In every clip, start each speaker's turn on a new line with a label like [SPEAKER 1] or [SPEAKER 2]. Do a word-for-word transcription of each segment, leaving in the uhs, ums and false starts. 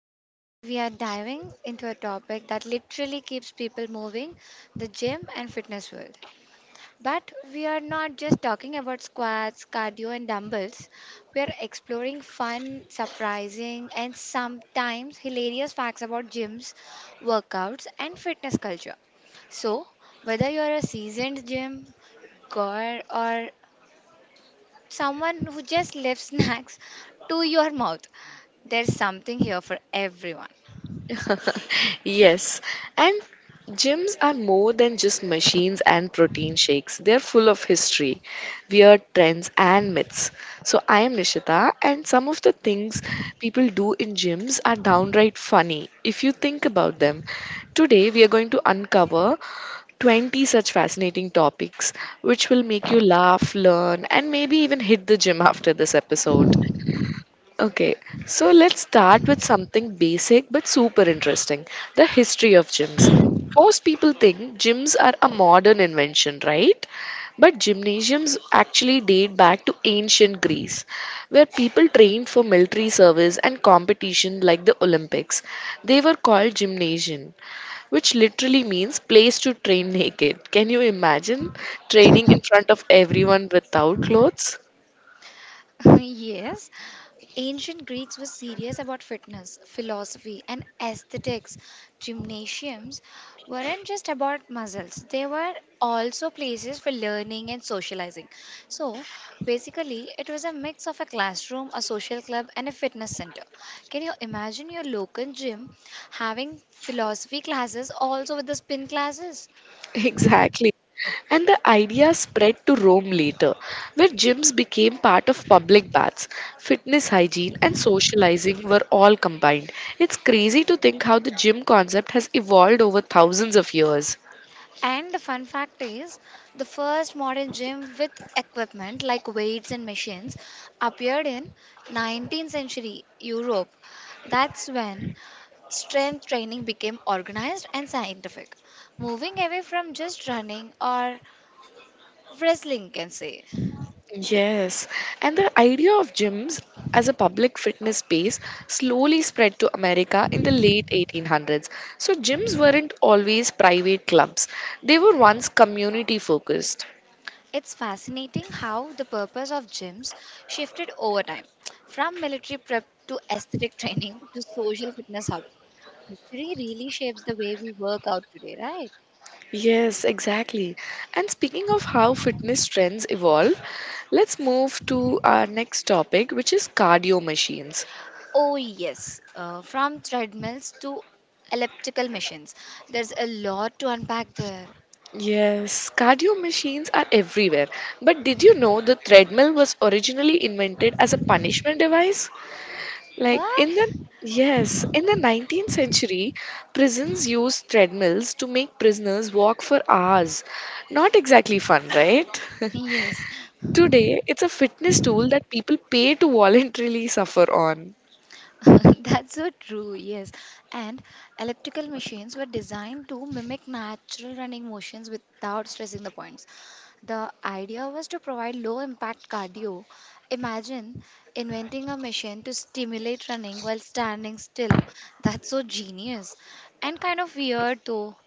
[SPEAKER 1] Today, we are diving into a topic that literally keeps people moving the gym and fitness world. But we are not just talking about squats, cardio, and dumbbells. We are exploring fun, surprising, and sometimes hilarious facts about gyms, workouts, and fitness culture. So, whether you're a seasoned gym goer or someone who just lifts snacks to your mouth, there's something here for everyone.
[SPEAKER 2] Yes, and gyms are more than just machines and protein shakes. They're full of history, weird trends, and myths. So, I am Nishita, and some of the things people do in gyms are downright funny if you think about them. Today, we are going to uncover twenty such fascinating topics which will make you laugh, learn, and maybe even hit the gym after this episode. Okay, so let's start with something basic but super interesting, the history of gyms. Most people think gyms are a modern invention, right? But gymnasiums actually date back to ancient Greece, where people trained for military service and competition like the Olympics. They were called gymnasium, which literally means place to train naked. Can you imagine training in front of everyone without clothes?
[SPEAKER 1] yes, Ancient Greeks were serious about fitness, philosophy, and aesthetics. Gymnasiums weren't just about muscles, they were also places for learning and socializing. So, basically, it was a mix of a classroom, a social club, and a fitness center. Can you imagine your local gym having philosophy classes also with the spin classes?
[SPEAKER 2] Exactly. And the idea spread to Rome later, where gyms became part of public baths. Fitness hygiene and socializing were all combined. It's crazy to think how the gym concept has evolved over thousands of years.
[SPEAKER 1] And the fun fact is, the first modern gym with equipment like weights and machines appeared in nineteenth century Europe. That's when strength training became organized and scientific, moving away from just running or wrestling, you can say.
[SPEAKER 2] Yes, and the idea of gyms as a public fitness space slowly spread to America in the late eighteen hundreds. So, gyms weren't always private clubs, they were once community focused.
[SPEAKER 1] It's fascinating how the purpose of gyms shifted over time, from military prep to aesthetic training to social fitness hubs. History really shapes the way we work out today, right?
[SPEAKER 2] Yes, exactly. And speaking of how fitness trends evolve, let's move to our next topic, which is cardio machines.
[SPEAKER 1] Oh, yes. Uh, from treadmills to elliptical machines. There's a lot to unpack there.
[SPEAKER 2] Yes, cardio machines are everywhere. But did you know the treadmill was originally invented as a punishment device? Like
[SPEAKER 1] What?
[SPEAKER 2] in the yes, in the nineteenth century, prisons used treadmills to make prisoners walk for hours. Not exactly fun, right?
[SPEAKER 1] Yes,
[SPEAKER 2] Today, it's a fitness tool that people pay to voluntarily suffer on.
[SPEAKER 1] that's so true. Yes. And elliptical machines were designed to mimic natural running motions without stressing the points. The idea was to provide low impact cardio. Imagine inventing a machine to stimulate running while standing still. That's so genius and kind of weird though.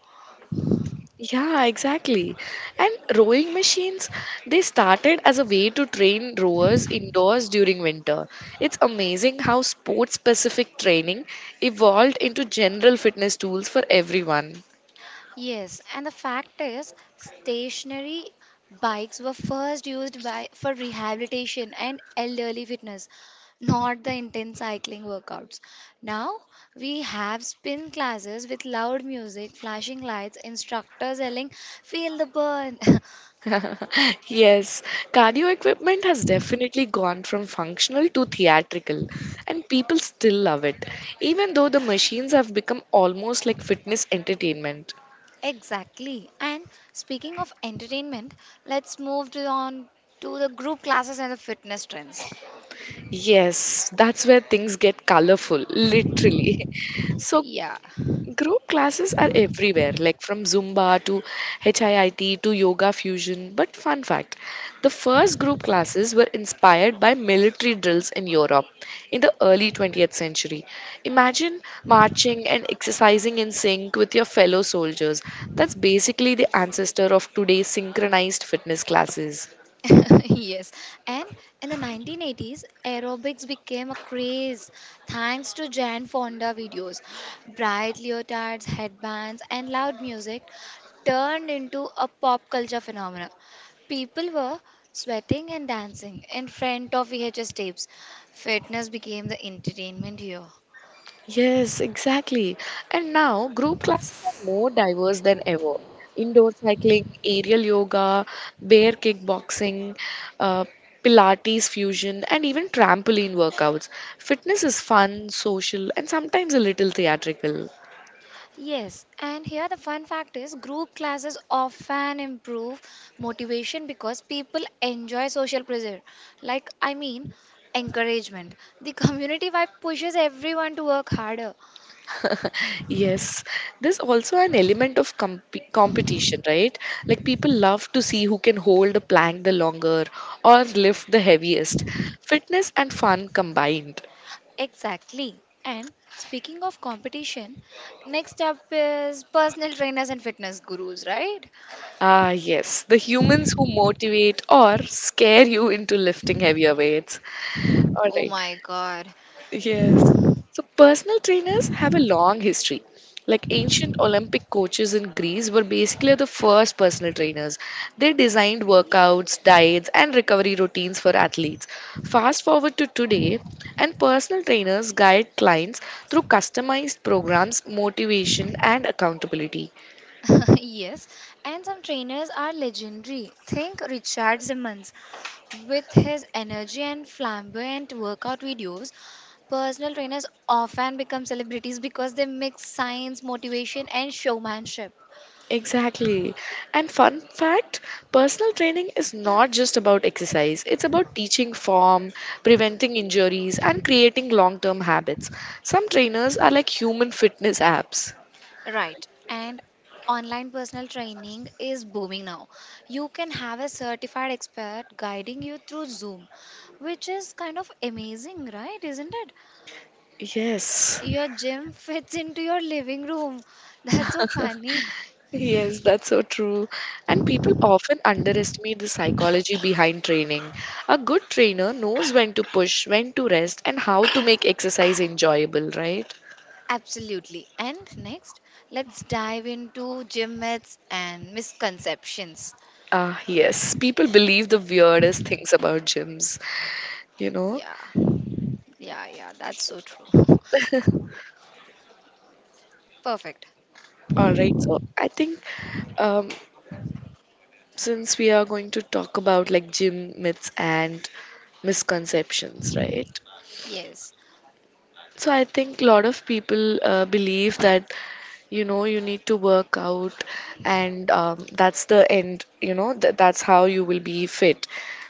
[SPEAKER 2] Yeah, exactly. And rowing machines, they started as a way to train rowers indoors during winter. It's amazing how sport specific training evolved into general fitness tools for everyone.
[SPEAKER 1] Yes, and the fact is, stationary bikes were first used by for rehabilitation and elderly fitness, not the intense cycling workouts. Now we have spin classes with loud music, flashing lights, instructors yelling, "Feel the burn."
[SPEAKER 2] Yes, cardio equipment has definitely gone from functional to theatrical, and people still love it, even though the machines have become almost like fitness entertainment.
[SPEAKER 1] Exactly. And speaking of entertainment, let's move to on to the group classes and the fitness trends.
[SPEAKER 2] Yes, that's where things get colorful, literally. So,
[SPEAKER 1] Yeah.
[SPEAKER 2] group classes are everywhere, like from Zumba to HIIT to yoga fusion. But, fun fact, the first group classes were inspired by military drills in Europe in the early twentieth century. Imagine marching and exercising in sync with your fellow soldiers. That's basically the ancestor of today's synchronized fitness classes.
[SPEAKER 1] yes and in the nineteen eighties aerobics became a craze thanks to jan fonda videos, bright leotards, headbands and loud music turned into a pop culture phenomenon. People were sweating and dancing in front of vhs tapes. Fitness became the entertainment here.
[SPEAKER 2] Yes, exactly. And now group classes are more diverse than ever. Indoor cycling, aerial yoga, bear kickboxing, uh, Pilates fusion, and even trampoline workouts. Fitness is fun, social, and sometimes a little theatrical.
[SPEAKER 1] Yes, and here the fun fact is group classes often improve motivation because people enjoy social pressure. Like, I mean, Encouragement. The community vibe pushes everyone to work harder.
[SPEAKER 2] Yes, there's also an element of comp- competition, right? Like people love to see who can hold a plank the longer or lift the heaviest. Fitness and fun combined.
[SPEAKER 1] Exactly. And speaking of competition, next up is personal trainers and fitness gurus, right?
[SPEAKER 2] Ah, yes, the humans who motivate or scare you into lifting heavier weights. All
[SPEAKER 1] Oh
[SPEAKER 2] right,
[SPEAKER 1] my god.
[SPEAKER 2] yes. So, personal trainers have a long history. Like ancient Olympic coaches in Greece were basically the first personal trainers. They designed workouts, diets, and recovery routines for athletes. Fast forward to today, and personal trainers guide clients through customized programs, motivation, and accountability.
[SPEAKER 1] yes, and some trainers are legendary. Think Richard Simmons. With his energy and flamboyant workout videos, personal trainers often become celebrities because they mix science, motivation, and showmanship.
[SPEAKER 2] Exactly. And fun fact, personal training is not just about exercise, it's about teaching form, preventing injuries, and creating long term habits. Some trainers are like human fitness apps.
[SPEAKER 1] Right. And online personal training is booming now. You can have a certified expert guiding you through Zoom, which is kind of amazing, right? Isn't it?
[SPEAKER 2] Yes.
[SPEAKER 1] Your gym fits into your living room. That's so funny.
[SPEAKER 2] Yes, that's so true. And people often underestimate the psychology behind training. A good trainer knows when to push, when to rest, and how to make exercise enjoyable, right?
[SPEAKER 1] Absolutely. And next, let's dive into gym myths and misconceptions.
[SPEAKER 2] Ah, yes. People believe the weirdest things about gyms, you know?
[SPEAKER 1] Yeah, yeah, yeah, that's so true. Perfect.
[SPEAKER 2] All right. So I think um, since we are going to talk about like gym myths and misconceptions, right?
[SPEAKER 1] Yes,
[SPEAKER 2] So I think a lot of people uh, believe that you know you need to work out and um, that's the end. You know th- that's how you will be fit.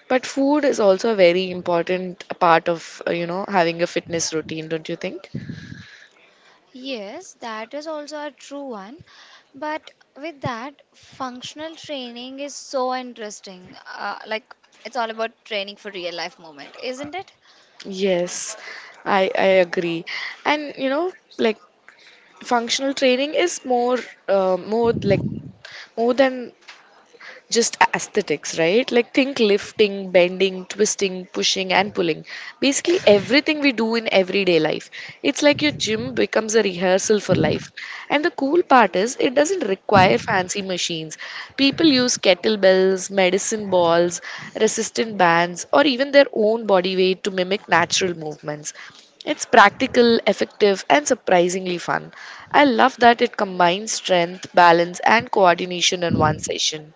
[SPEAKER 2] But food is also a very important part of uh, you know having a fitness routine, don't you think?
[SPEAKER 1] yes, that is also a true one. But with that, functional training is so interesting. Uh, like, it's all about training for real life moment, isn't it?
[SPEAKER 2] Yes, I I agree. And you know, like functional training is more uh, more like more than just aesthetics, right? Like think lifting, bending, twisting, pushing, and pulling. Basically, everything we do in everyday life. It's like your gym becomes a rehearsal for life. And the cool part is, it doesn't require fancy machines. People use kettlebells, medicine balls, resistant bands, or even their own body weight to mimic natural movements. It's practical, effective, and surprisingly fun. I love that it combines strength, balance, and coordination in one session.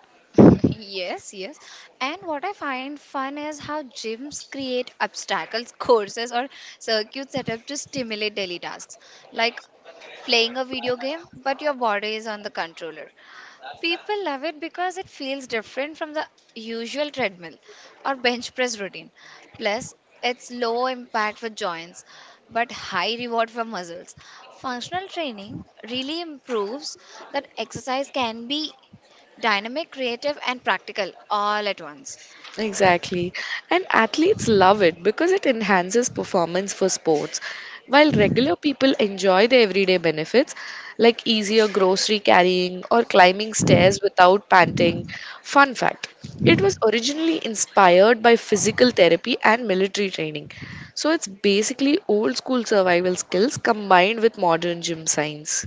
[SPEAKER 1] Yes, yes. And what I find fun is how gyms create obstacles, courses, or circuits set up to stimulate daily tasks, like playing a video game, but your body is on the controller. People love it because it feels different from the usual treadmill or bench press routine. Plus, it's low impact for joints but high reward for muscles. Functional training really improves that exercise can be dynamic, creative, and practical all at once.
[SPEAKER 2] Exactly. And athletes love it because it enhances performance for sports. While regular people enjoy the everyday benefits like easier grocery carrying or climbing stairs without panting. Fun fact, it was originally inspired by physical therapy and military training. So it's basically old school survival skills combined with modern gym science.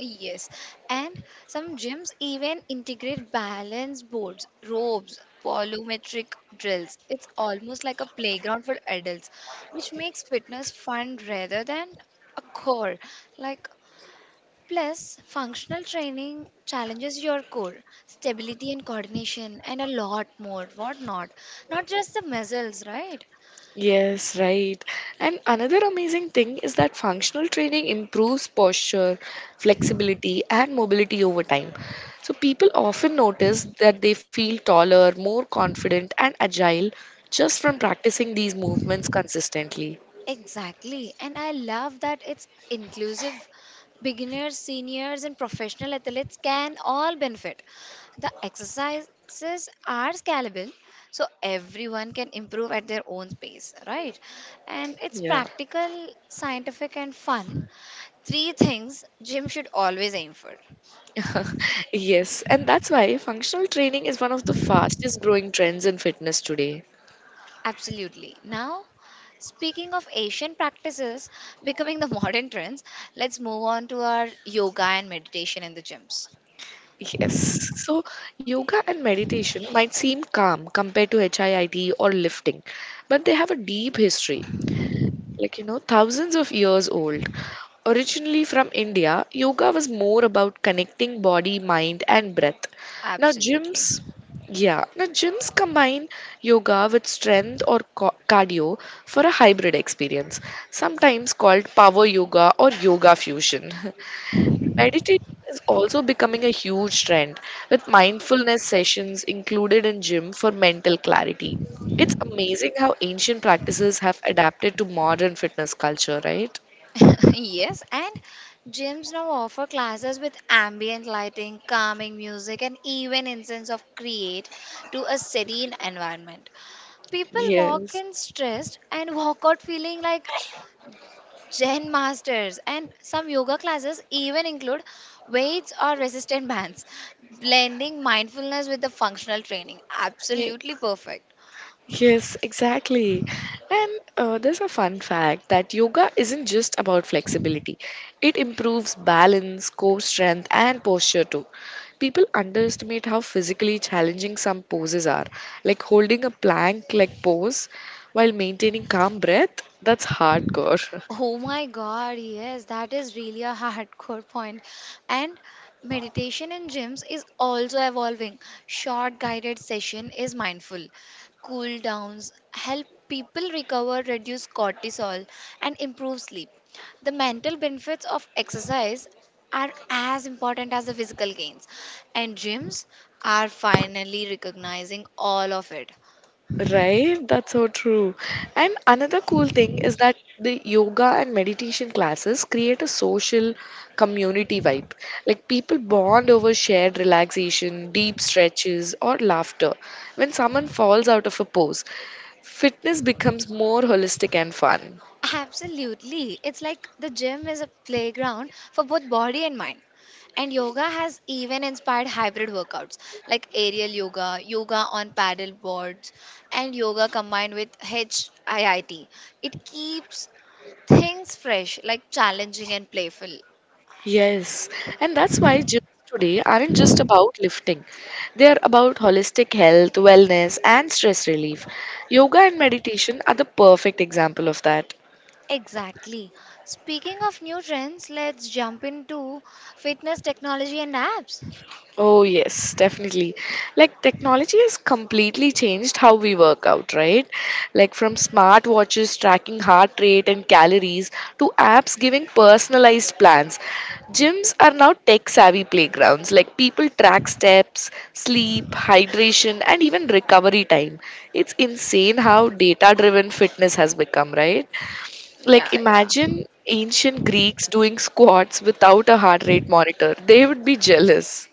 [SPEAKER 1] Yes, and some gyms even integrate balance boards, ropes, volumetric drills. It's almost like a playground for adults, which makes fitness fun rather than a core. Like, plus, functional training challenges your core, stability and coordination, and a lot more, what not. Not just the muscles, right?
[SPEAKER 2] Yes, right. And another amazing thing is that functional training improves posture, flexibility, and mobility over time. So people often notice that they feel taller, more confident, and agile just from practicing these movements consistently.
[SPEAKER 1] Exactly. And I love that it's inclusive. Beginners, seniors, and professional athletes can all benefit. The exercises are scalable, so everyone can improve at their own pace, right? And it's
[SPEAKER 2] Yeah.
[SPEAKER 1] practical, scientific, and fun. Three things gym should always aim for.
[SPEAKER 2] Yes, and that's why functional training is one of the fastest growing trends in fitness today.
[SPEAKER 1] Absolutely. Now, speaking of Asian practices becoming the modern trends, let's move on to our yoga and meditation in the gyms.
[SPEAKER 2] Yes. So yoga and meditation might seem calm compared to HIIT or lifting, but they have a deep history, like, you know, thousands of years old. Originally from India, yoga was more about connecting body, mind, and breath. Now,
[SPEAKER 1] Absolutely.
[SPEAKER 2] gyms, yeah, Now gyms combine yoga with strength or co- cardio for a hybrid experience, sometimes called power yoga or yoga fusion. Meditation is also becoming a huge trend with mindfulness sessions included in gym for mental clarity. It's amazing how ancient practices have adapted to modern fitness culture, right?
[SPEAKER 1] yes, and gyms now offer classes with ambient lighting, calming music, and even incense of create to a serene environment. People walk
[SPEAKER 2] Yes.
[SPEAKER 1] in stressed and walk out feeling like Zen masters, and some yoga classes even include weights or resistant bands, blending mindfulness with the functional training.
[SPEAKER 2] Yeah.
[SPEAKER 1] Absolutely perfect.
[SPEAKER 2] Yes, exactly. And uh, there's a fun fact that yoga isn't just about flexibility, it improves balance, core strength, and posture too. People underestimate how physically challenging some poses are, like holding a plank like pose while maintaining calm breath. That's hardcore.
[SPEAKER 1] Oh my god, yes, that is really a hardcore point. And meditation in gyms is also evolving. Short guided session is mindful. Cool downs help people recover, reduce cortisol and improve sleep. The mental benefits of exercise are as important as the physical gains and gyms are finally recognizing all of it.
[SPEAKER 2] Right? That's so true. And another cool thing is that the yoga and meditation classes create a social community vibe. Like people bond over shared relaxation, deep stretches, or laughter. When someone falls out of a pose, fitness becomes more holistic and fun.
[SPEAKER 1] Absolutely. It's like the gym is a playground for both body and mind. And yoga has even inspired hybrid workouts like aerial yoga, yoga on paddle boards, and yoga combined with hit. It keeps things fresh, like challenging and playful.
[SPEAKER 2] Yes, and that's why gyms today aren't just about lifting. They are about holistic health, wellness, and stress relief. Yoga and meditation are the perfect example of that.
[SPEAKER 1] Exactly. Speaking of new trends, let's jump into fitness technology and apps.
[SPEAKER 2] Oh, yes, definitely. Like, technology has completely changed how we work out, right? Like, from smart watches tracking heart rate and calories to apps giving personalized plans. Gyms are now tech savvy playgrounds. Like, people track steps, sleep, hydration, and even recovery time. It's insane how data driven fitness has become, right?
[SPEAKER 1] Yeah,
[SPEAKER 2] Like,
[SPEAKER 1] yeah.
[SPEAKER 2] imagine ancient Greeks doing squats without a heart rate monitor, they would be jealous.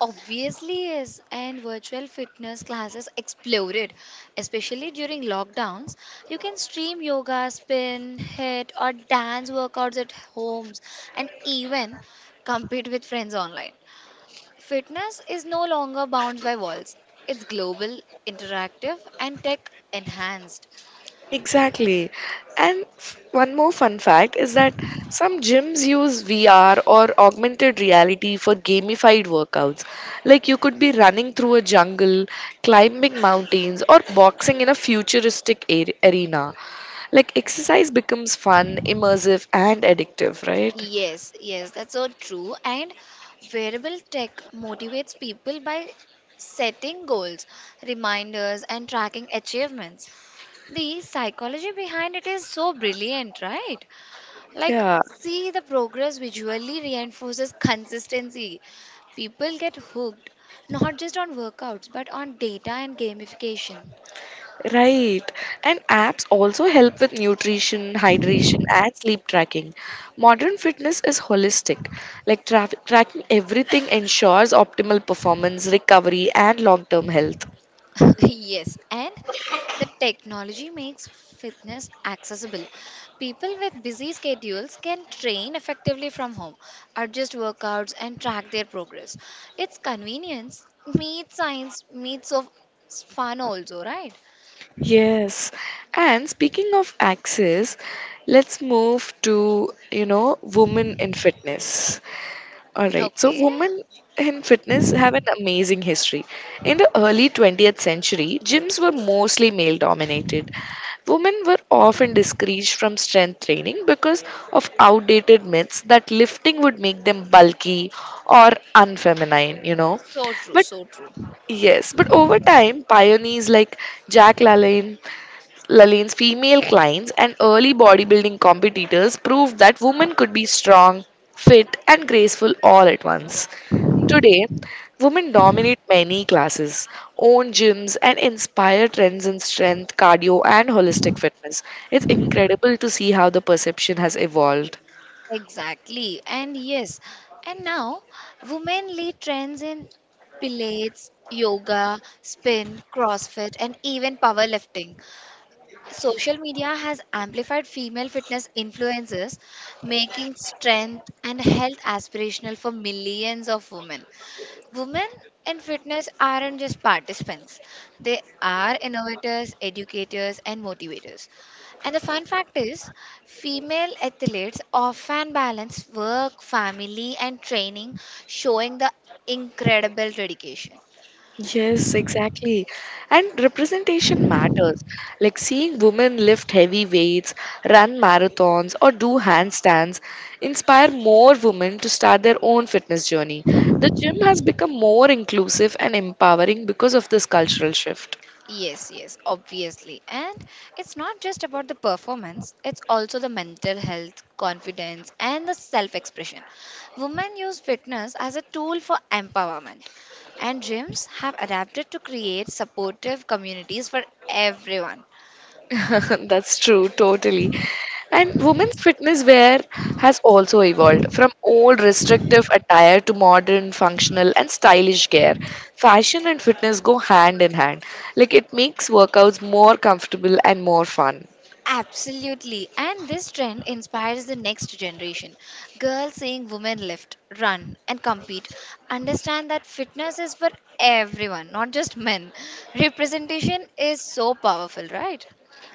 [SPEAKER 1] Obviously, is and virtual fitness classes exploded, especially during lockdowns. You can stream yoga, spin, hit, or dance workouts at homes and even compete with friends online. Fitness is no longer bound by walls, it's global, interactive, and tech enhanced.
[SPEAKER 2] Exactly. And f- one more fun fact is that some gyms use V R or augmented reality for gamified workouts. Like you could be running through a jungle, climbing mountains, or boxing in a futuristic ar- arena. Like exercise becomes fun, immersive, and addictive, right?
[SPEAKER 1] Yes, yes, that's so true. And wearable tech motivates people by setting goals, reminders, and tracking achievements. The psychology behind it is so brilliant, right? Like,
[SPEAKER 2] Yeah.
[SPEAKER 1] see the progress visually reinforces consistency. People get hooked not just on workouts but on data and gamification.
[SPEAKER 2] Right. And apps also help with nutrition, hydration, and sleep tracking. Modern fitness is holistic. Like tra- tracking everything ensures optimal performance, recovery, and long term health.
[SPEAKER 1] yes, and the technology makes fitness accessible. People with busy schedules can train effectively from home, adjust workouts, and track their progress. It's convenience meets science meets of fun also, right?
[SPEAKER 2] Yes. And speaking of access, let's move to, you know, women in fitness. All right. So,
[SPEAKER 1] Okay.
[SPEAKER 2] women in fitness have an amazing history. In the early twentieth century, gyms were mostly male dominated. Women were often discouraged from strength training because of outdated myths that lifting would make them bulky or unfeminine, you know.
[SPEAKER 1] So true,
[SPEAKER 2] But
[SPEAKER 1] so true.
[SPEAKER 2] yes, but over time, pioneers like Jack LaLanne, LaLanne's female clients, and early bodybuilding competitors proved that women could be strong, fit, and graceful all at once. Today, women dominate many classes, own gyms, and inspire trends in strength, cardio, and holistic fitness. It's incredible to see how the perception has evolved.
[SPEAKER 1] Exactly. And yes, and now women lead trends in pilates, yoga, spin, CrossFit, and even powerlifting. Social media has amplified female fitness influences, making strength and health aspirational for millions of women. Women in fitness aren't just participants, they are innovators, educators, and motivators. And the fun fact is, female athletes often balance work, family, and training, showing the incredible dedication.
[SPEAKER 2] Yes, exactly. And representation matters. Like seeing women lift heavy weights, run marathons, or do handstands inspire more women to start their own fitness journey. The gym has become more inclusive and empowering because of this cultural shift.
[SPEAKER 1] Yes, yes, obviously. And it's not just about the performance, it's also the mental health, confidence, and the self expression. Women use fitness as a tool for empowerment, and gyms have adapted to create supportive communities for everyone.
[SPEAKER 2] That's true, totally. And women's fitness wear has also evolved from old restrictive attire to modern, functional, and stylish gear. Fashion and fitness go hand in hand. Like it makes workouts more comfortable and more fun.
[SPEAKER 1] Absolutely. And this trend inspires the next generation. Girls seeing women lift, run, and compete understand that fitness is for everyone, not just men. Representation is so powerful, right?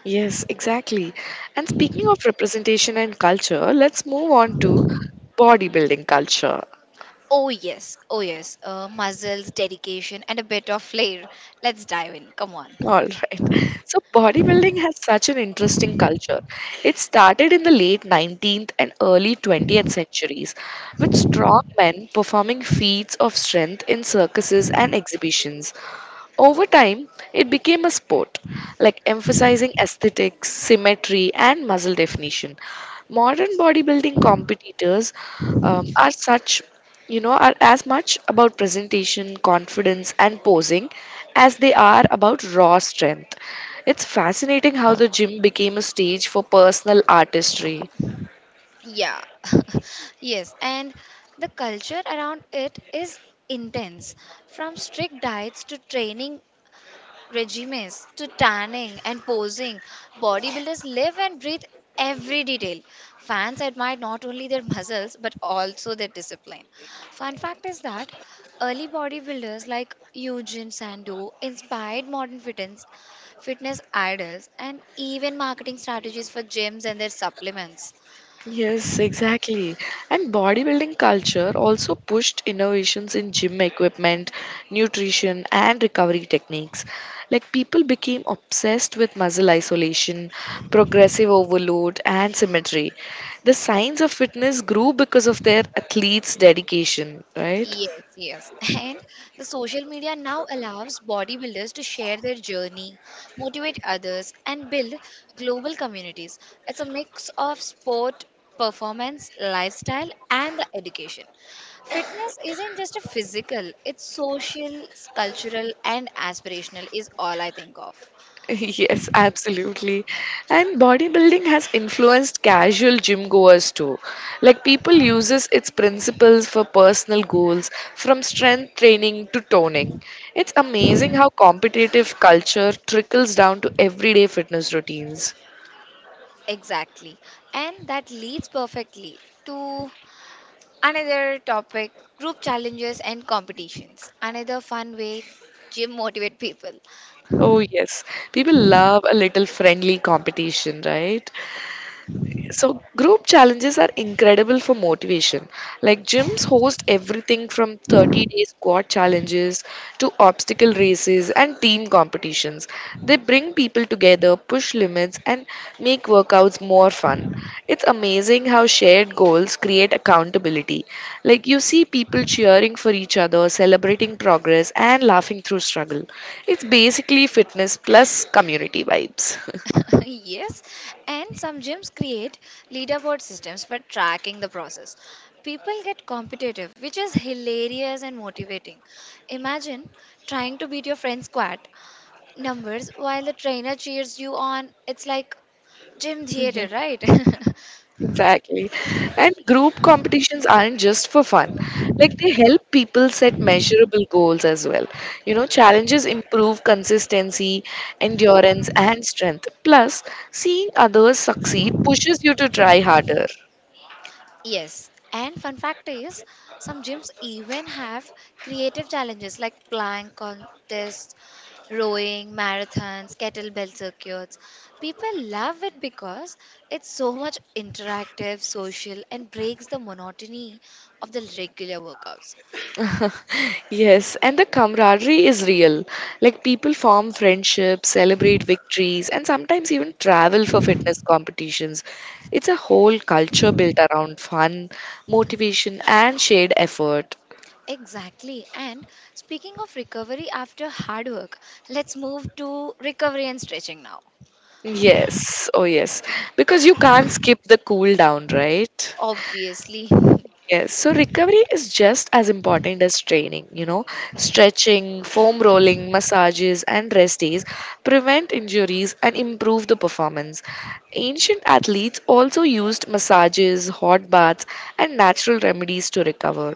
[SPEAKER 2] Yes, exactly. And speaking of representation and culture, let's move on to bodybuilding culture.
[SPEAKER 1] Oh, yes. Oh, yes. Uh, muscles, dedication, and a bit of flair. Let's dive in. Come on.
[SPEAKER 2] All right. So bodybuilding has such an interesting culture. It started in the late nineteenth and early twentieth centuries with strong men performing feats of strength in circuses and exhibitions. Over time, it became a sport, like emphasizing aesthetics, symmetry, and muscle definition. Modern bodybuilding competitors um, are such, you know, are as much about presentation, confidence, and posing as they are about raw strength. It's fascinating how the gym became a stage for personal artistry.
[SPEAKER 1] Yeah. Yes. And the culture around it is intense from strict diets to training regimes to tanning and posing. Bodybuilders live and breathe every detail. Fans admire not only their muscles but also their discipline. Fun fact is that early bodybuilders like Eugene Sandow inspired modern fitness, fitness idols and even marketing strategies for gyms and their supplements.
[SPEAKER 2] Yes, exactly. And bodybuilding culture also pushed innovations in gym equipment, nutrition, and recovery techniques. Like people became obsessed with muscle isolation, progressive overload, and symmetry. The science of fitness grew because of their athletes' dedication, right?
[SPEAKER 1] Yes, yes. And the social media now allows bodybuilders to share their journey, motivate others, and build global communities. It's a mix of sport, performance, lifestyle, and the education. Fitness isn't just a physical, it's social, cultural, and aspirational, is all I think of.
[SPEAKER 2] Yes, absolutely. And bodybuilding has influenced casual gym goers too. Like people uses its principles for personal goals from strength training to toning. It's amazing how competitive culture trickles down to everyday fitness routines.
[SPEAKER 1] Exactly. And that leads perfectly to another topic, group challenges and competitions. Another fun way gym motivate people.
[SPEAKER 2] Oh yes, people love a little friendly competition, right? So group challenges are incredible for motivation. Like gyms host everything from thirty day squat challenges to obstacle races and team competitions. They bring people together, push limits, and make workouts more fun. It's amazing how shared goals create accountability. Like you see people cheering for each other, celebrating progress, and laughing through struggle. It's basically fitness plus community vibes.
[SPEAKER 1] yes, and some gyms create leaderboard systems for tracking the process. People get competitive, which is hilarious and motivating. Imagine trying to beat your friend's squat numbers while the trainer cheers you on. It's like gym theater, right?
[SPEAKER 2] Exactly. And group competitions aren't just for fun. Like they help people set measurable goals as well. You know, challenges improve consistency, endurance, and strength. Plus, seeing others succeed pushes you to try harder.
[SPEAKER 1] Yes, and fun fact is some gyms even have creative challenges like plank contests, rowing, marathons, kettlebell circuits. People love it because it's so much interactive, social, and breaks the monotony of the regular workouts.
[SPEAKER 2] Yes, and the camaraderie is real. Like people form friendships, celebrate victories, and sometimes even travel for fitness competitions. It's a whole culture built around fun, motivation, and shared effort.
[SPEAKER 1] Exactly. And speaking of recovery after hard work, let's move to recovery and stretching now.
[SPEAKER 2] Yes, oh yes. Because you can't skip the cool down, right?
[SPEAKER 1] Obviously.
[SPEAKER 2] Yes, so recovery is just as important as training, you know. Stretching, foam rolling, massages, and rest days prevent injuries and improve the performance. Ancient athletes also used massages, hot baths, and natural remedies to recover.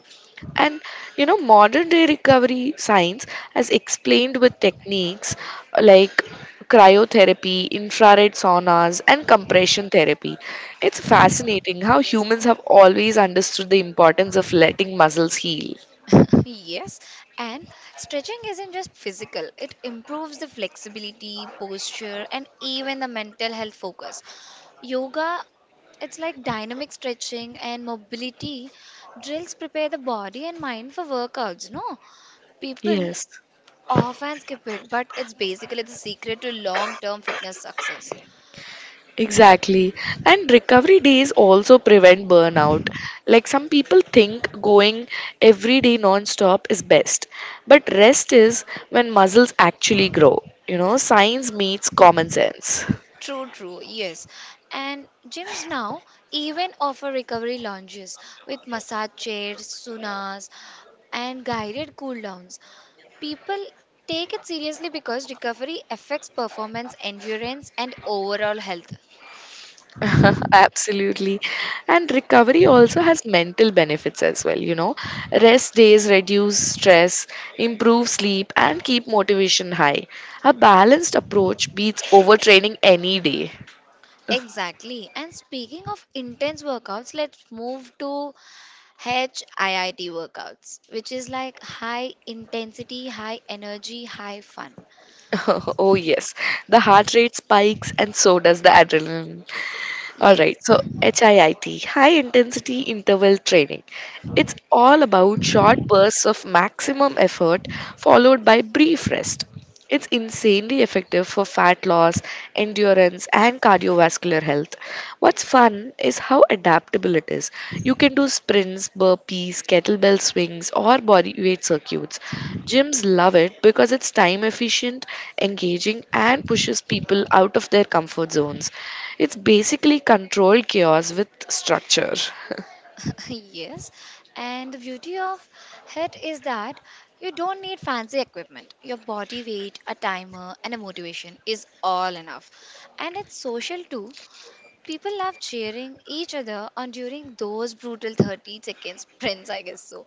[SPEAKER 2] And you know, modern day recovery science has explained with techniques like cryotherapy, infrared saunas, and compression therapy. It's fascinating how humans have always understood the importance of letting muscles heal.
[SPEAKER 1] yes, and stretching isn't just physical, it improves the flexibility, posture, and even the mental health focus. Yoga, it's like dynamic stretching and mobility drills prepare the body and mind for workouts, no? People
[SPEAKER 2] Yes.
[SPEAKER 1] often skip it, but it's basically the secret to long term fitness success.
[SPEAKER 2] Exactly. And recovery days also prevent burnout. Like some people think going every day non-stop is best, but rest is when muscles actually grow. You know, science meets common sense.
[SPEAKER 1] True, true, yes. And gyms now even offer recovery lounges with massage chairs, saunas, and guided cool downs. People take it seriously because recovery affects performance, endurance, and overall health.
[SPEAKER 2] Absolutely. And recovery also has mental benefits as well, you know. Rest days reduce stress, improve sleep, and keep motivation high. A balanced approach beats overtraining any day.
[SPEAKER 1] Exactly. And speaking of intense workouts, let's move to hit workouts, which is like high intensity, high energy, high fun.
[SPEAKER 2] Oh, yes. The heart rate spikes and so does the adrenaline. All
[SPEAKER 1] Yes.
[SPEAKER 2] right. So, hit, high intensity interval training. It's all about short bursts of maximum effort followed by brief rest. It's insanely effective for fat loss, endurance, and cardiovascular health. What's fun is how adaptable it is. You can do sprints, burpees, kettlebell swings, or body weight circuits. Gyms love it because it's time efficient, engaging, and pushes people out of their comfort zones. It's basically controlled chaos with structure.
[SPEAKER 1] Yes, and the beauty of it is that you don't need fancy equipment. Your body weight, a timer, and a motivation is all enough. And it's social too. People love cheering each other on during those brutal thirty second sprints, I guess so.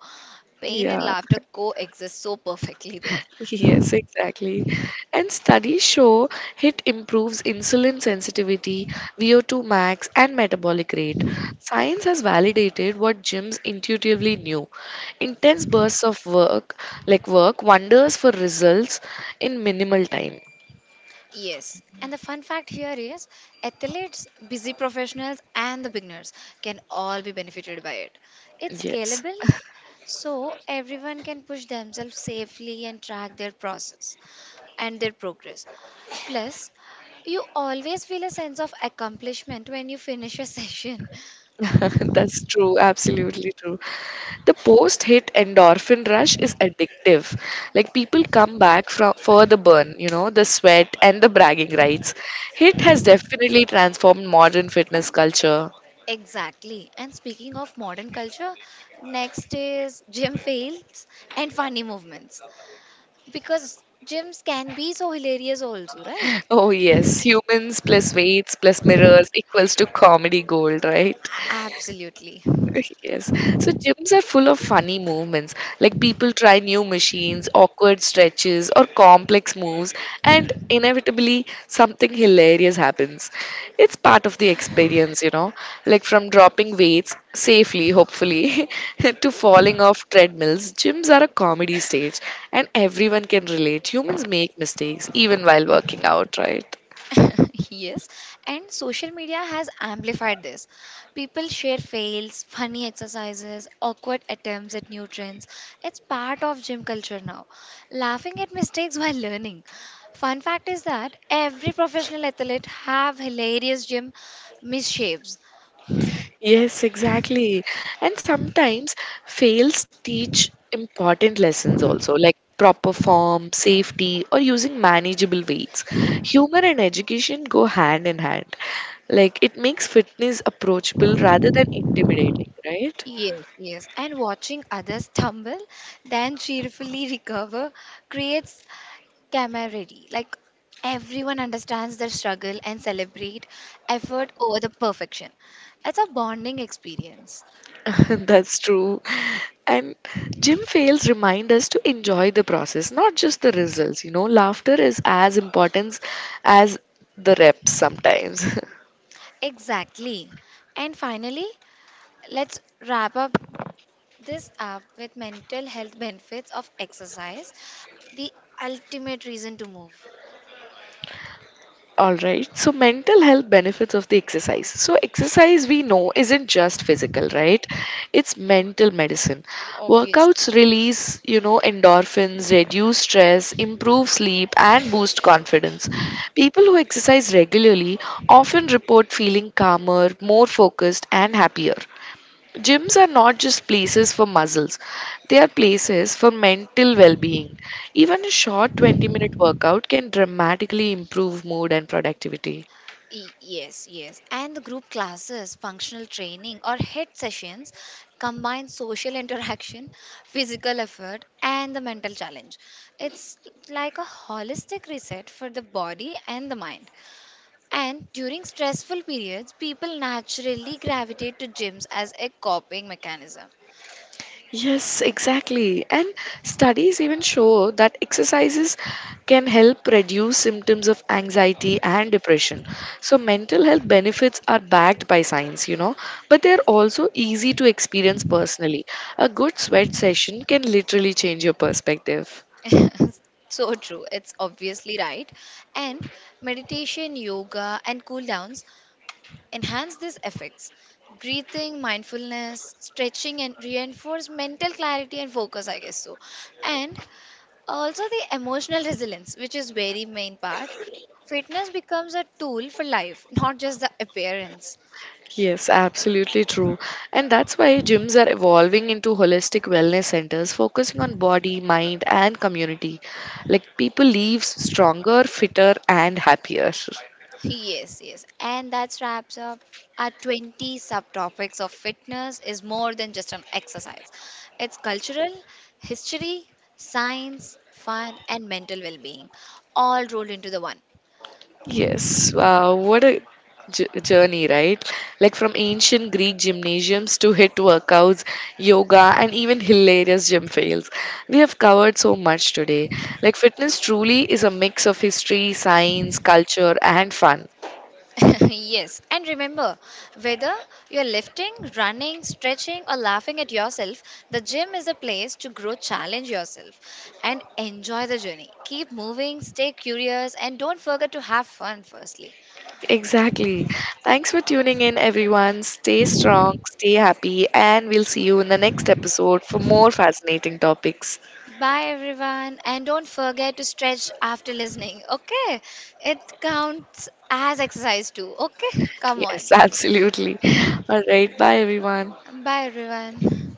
[SPEAKER 1] Pain and
[SPEAKER 2] Yeah.
[SPEAKER 1] laughter coexist so perfectly there.
[SPEAKER 2] Yes, exactly. And studies show it improves insulin sensitivity, V O two max, and metabolic rate. Science has validated what gyms intuitively knew. Intense bursts of work, like work, wonders for results in minimal time.
[SPEAKER 1] Yes, and the fun fact here is athletes, busy professionals, and the beginners can all be benefited by it. It's
[SPEAKER 2] Yes.
[SPEAKER 1] scalable, so everyone can push themselves safely and track their process and their progress. Plus, you always feel a sense of accomplishment when you finish a session.
[SPEAKER 2] That's true, absolutely true. The post-hit endorphin rush is addictive. Like people come back from for the burn, you know, the sweat and the bragging rights. Hit has definitely transformed modern fitness culture.
[SPEAKER 1] Exactly. And speaking of modern culture, next is gym fails and funny movements because gyms can be so hilarious also, right?
[SPEAKER 2] Oh yes, humans plus weights plus mirrors equals to comedy gold, right?
[SPEAKER 1] Absolutely.
[SPEAKER 2] Yes. So gyms are full of funny movements. Like people try new machines, awkward stretches, or complex moves, and inevitably something hilarious happens. It's part of the experience, you know. Like from dropping weights safely, hopefully, to falling off treadmills, gyms are a comedy stage, and everyone can relate. Humans make mistakes even while working out, right?
[SPEAKER 1] yes. And social media has amplified this. People share fails, funny exercises, awkward attempts at new trends. It's part of gym culture now. Laughing at mistakes while learning. Fun fact is that every professional athlete have hilarious gym misshapes.
[SPEAKER 2] Yes, exactly. And sometimes fails teach important lessons also, like proper form, safety, or using manageable weights. Humor and education go hand in hand. Like it makes fitness approachable rather than intimidating, right?
[SPEAKER 1] Yes, yes. And watching others stumble, then cheerfully recover, creates camaraderie. Like everyone understands their struggle and celebrate effort over the perfection. It's a bonding experience.
[SPEAKER 2] That's true. And gym fails remind us to enjoy the process, not just the results. You know, laughter is as important as the reps sometimes.
[SPEAKER 1] Exactly. And finally, let's wrap up this up with mental health benefits of exercise, the ultimate reason to move,
[SPEAKER 2] All right. So, mental health benefits of the exercise. So, exercise we know isn't just physical, right? It's mental medicine. Workouts
[SPEAKER 1] obviously.
[SPEAKER 2] release, you know, endorphins, reduce stress, improve sleep, and boost confidence. People who exercise regularly often report feeling calmer, more focused, and happier. Gyms are not just places for muscles, they are places for mental well being. Even a short twenty minute workout can dramatically improve mood and productivity.
[SPEAKER 1] Y- Yes, yes. And the group classes, functional training, or head sessions combine social interaction, physical effort, and the mental challenge. It's like a holistic reset for the body and the mind. And during stressful periods, people naturally gravitate to gyms as a coping mechanism.
[SPEAKER 2] Yes, exactly. And studies even show that exercises can help reduce symptoms of anxiety and depression. So, mental health benefits are backed by science, you know, but they're also easy to experience personally. A good sweat session can literally change your perspective.
[SPEAKER 1] So true. It's obviously right. And meditation, yoga, and cool downs enhance these effects. Breathing, mindfulness, stretching, and reinforce mental clarity and focus, I guess so. And also the emotional resilience, which is very main part. Fitness becomes a tool for life, not just the appearance.
[SPEAKER 2] Yes, absolutely true. And that's why gyms are evolving into holistic wellness centers focusing on body, mind, and community. Like people leave stronger, fitter, and happier.
[SPEAKER 1] Yes, yes. And that wraps up our twenty subtopics of fitness is more than just an exercise. It's cultural, history, science, fun, and mental well being, all rolled into the one.
[SPEAKER 2] Yes, wow, what a j- journey, right? Like from ancient Greek gymnasiums to hit workouts, yoga, and even hilarious gym fails. We have covered so much today. Like fitness truly is a mix of history, science, culture, and fun.
[SPEAKER 1] yes, and remember whether you're lifting, running, stretching, or laughing at yourself, the gym is a place to grow, challenge yourself, and enjoy the journey. Keep moving, stay curious, and don't forget to have fun firstly.
[SPEAKER 2] Exactly. Thanks for tuning in, everyone. Stay strong, stay happy, and we'll see you in the next episode for more fascinating topics.
[SPEAKER 1] Bye, everyone, and don't forget to stretch after listening, okay? It counts as exercise too, okay? Come on.
[SPEAKER 2] Yes, absolutely. All right. Bye, everyone.
[SPEAKER 1] Bye, everyone.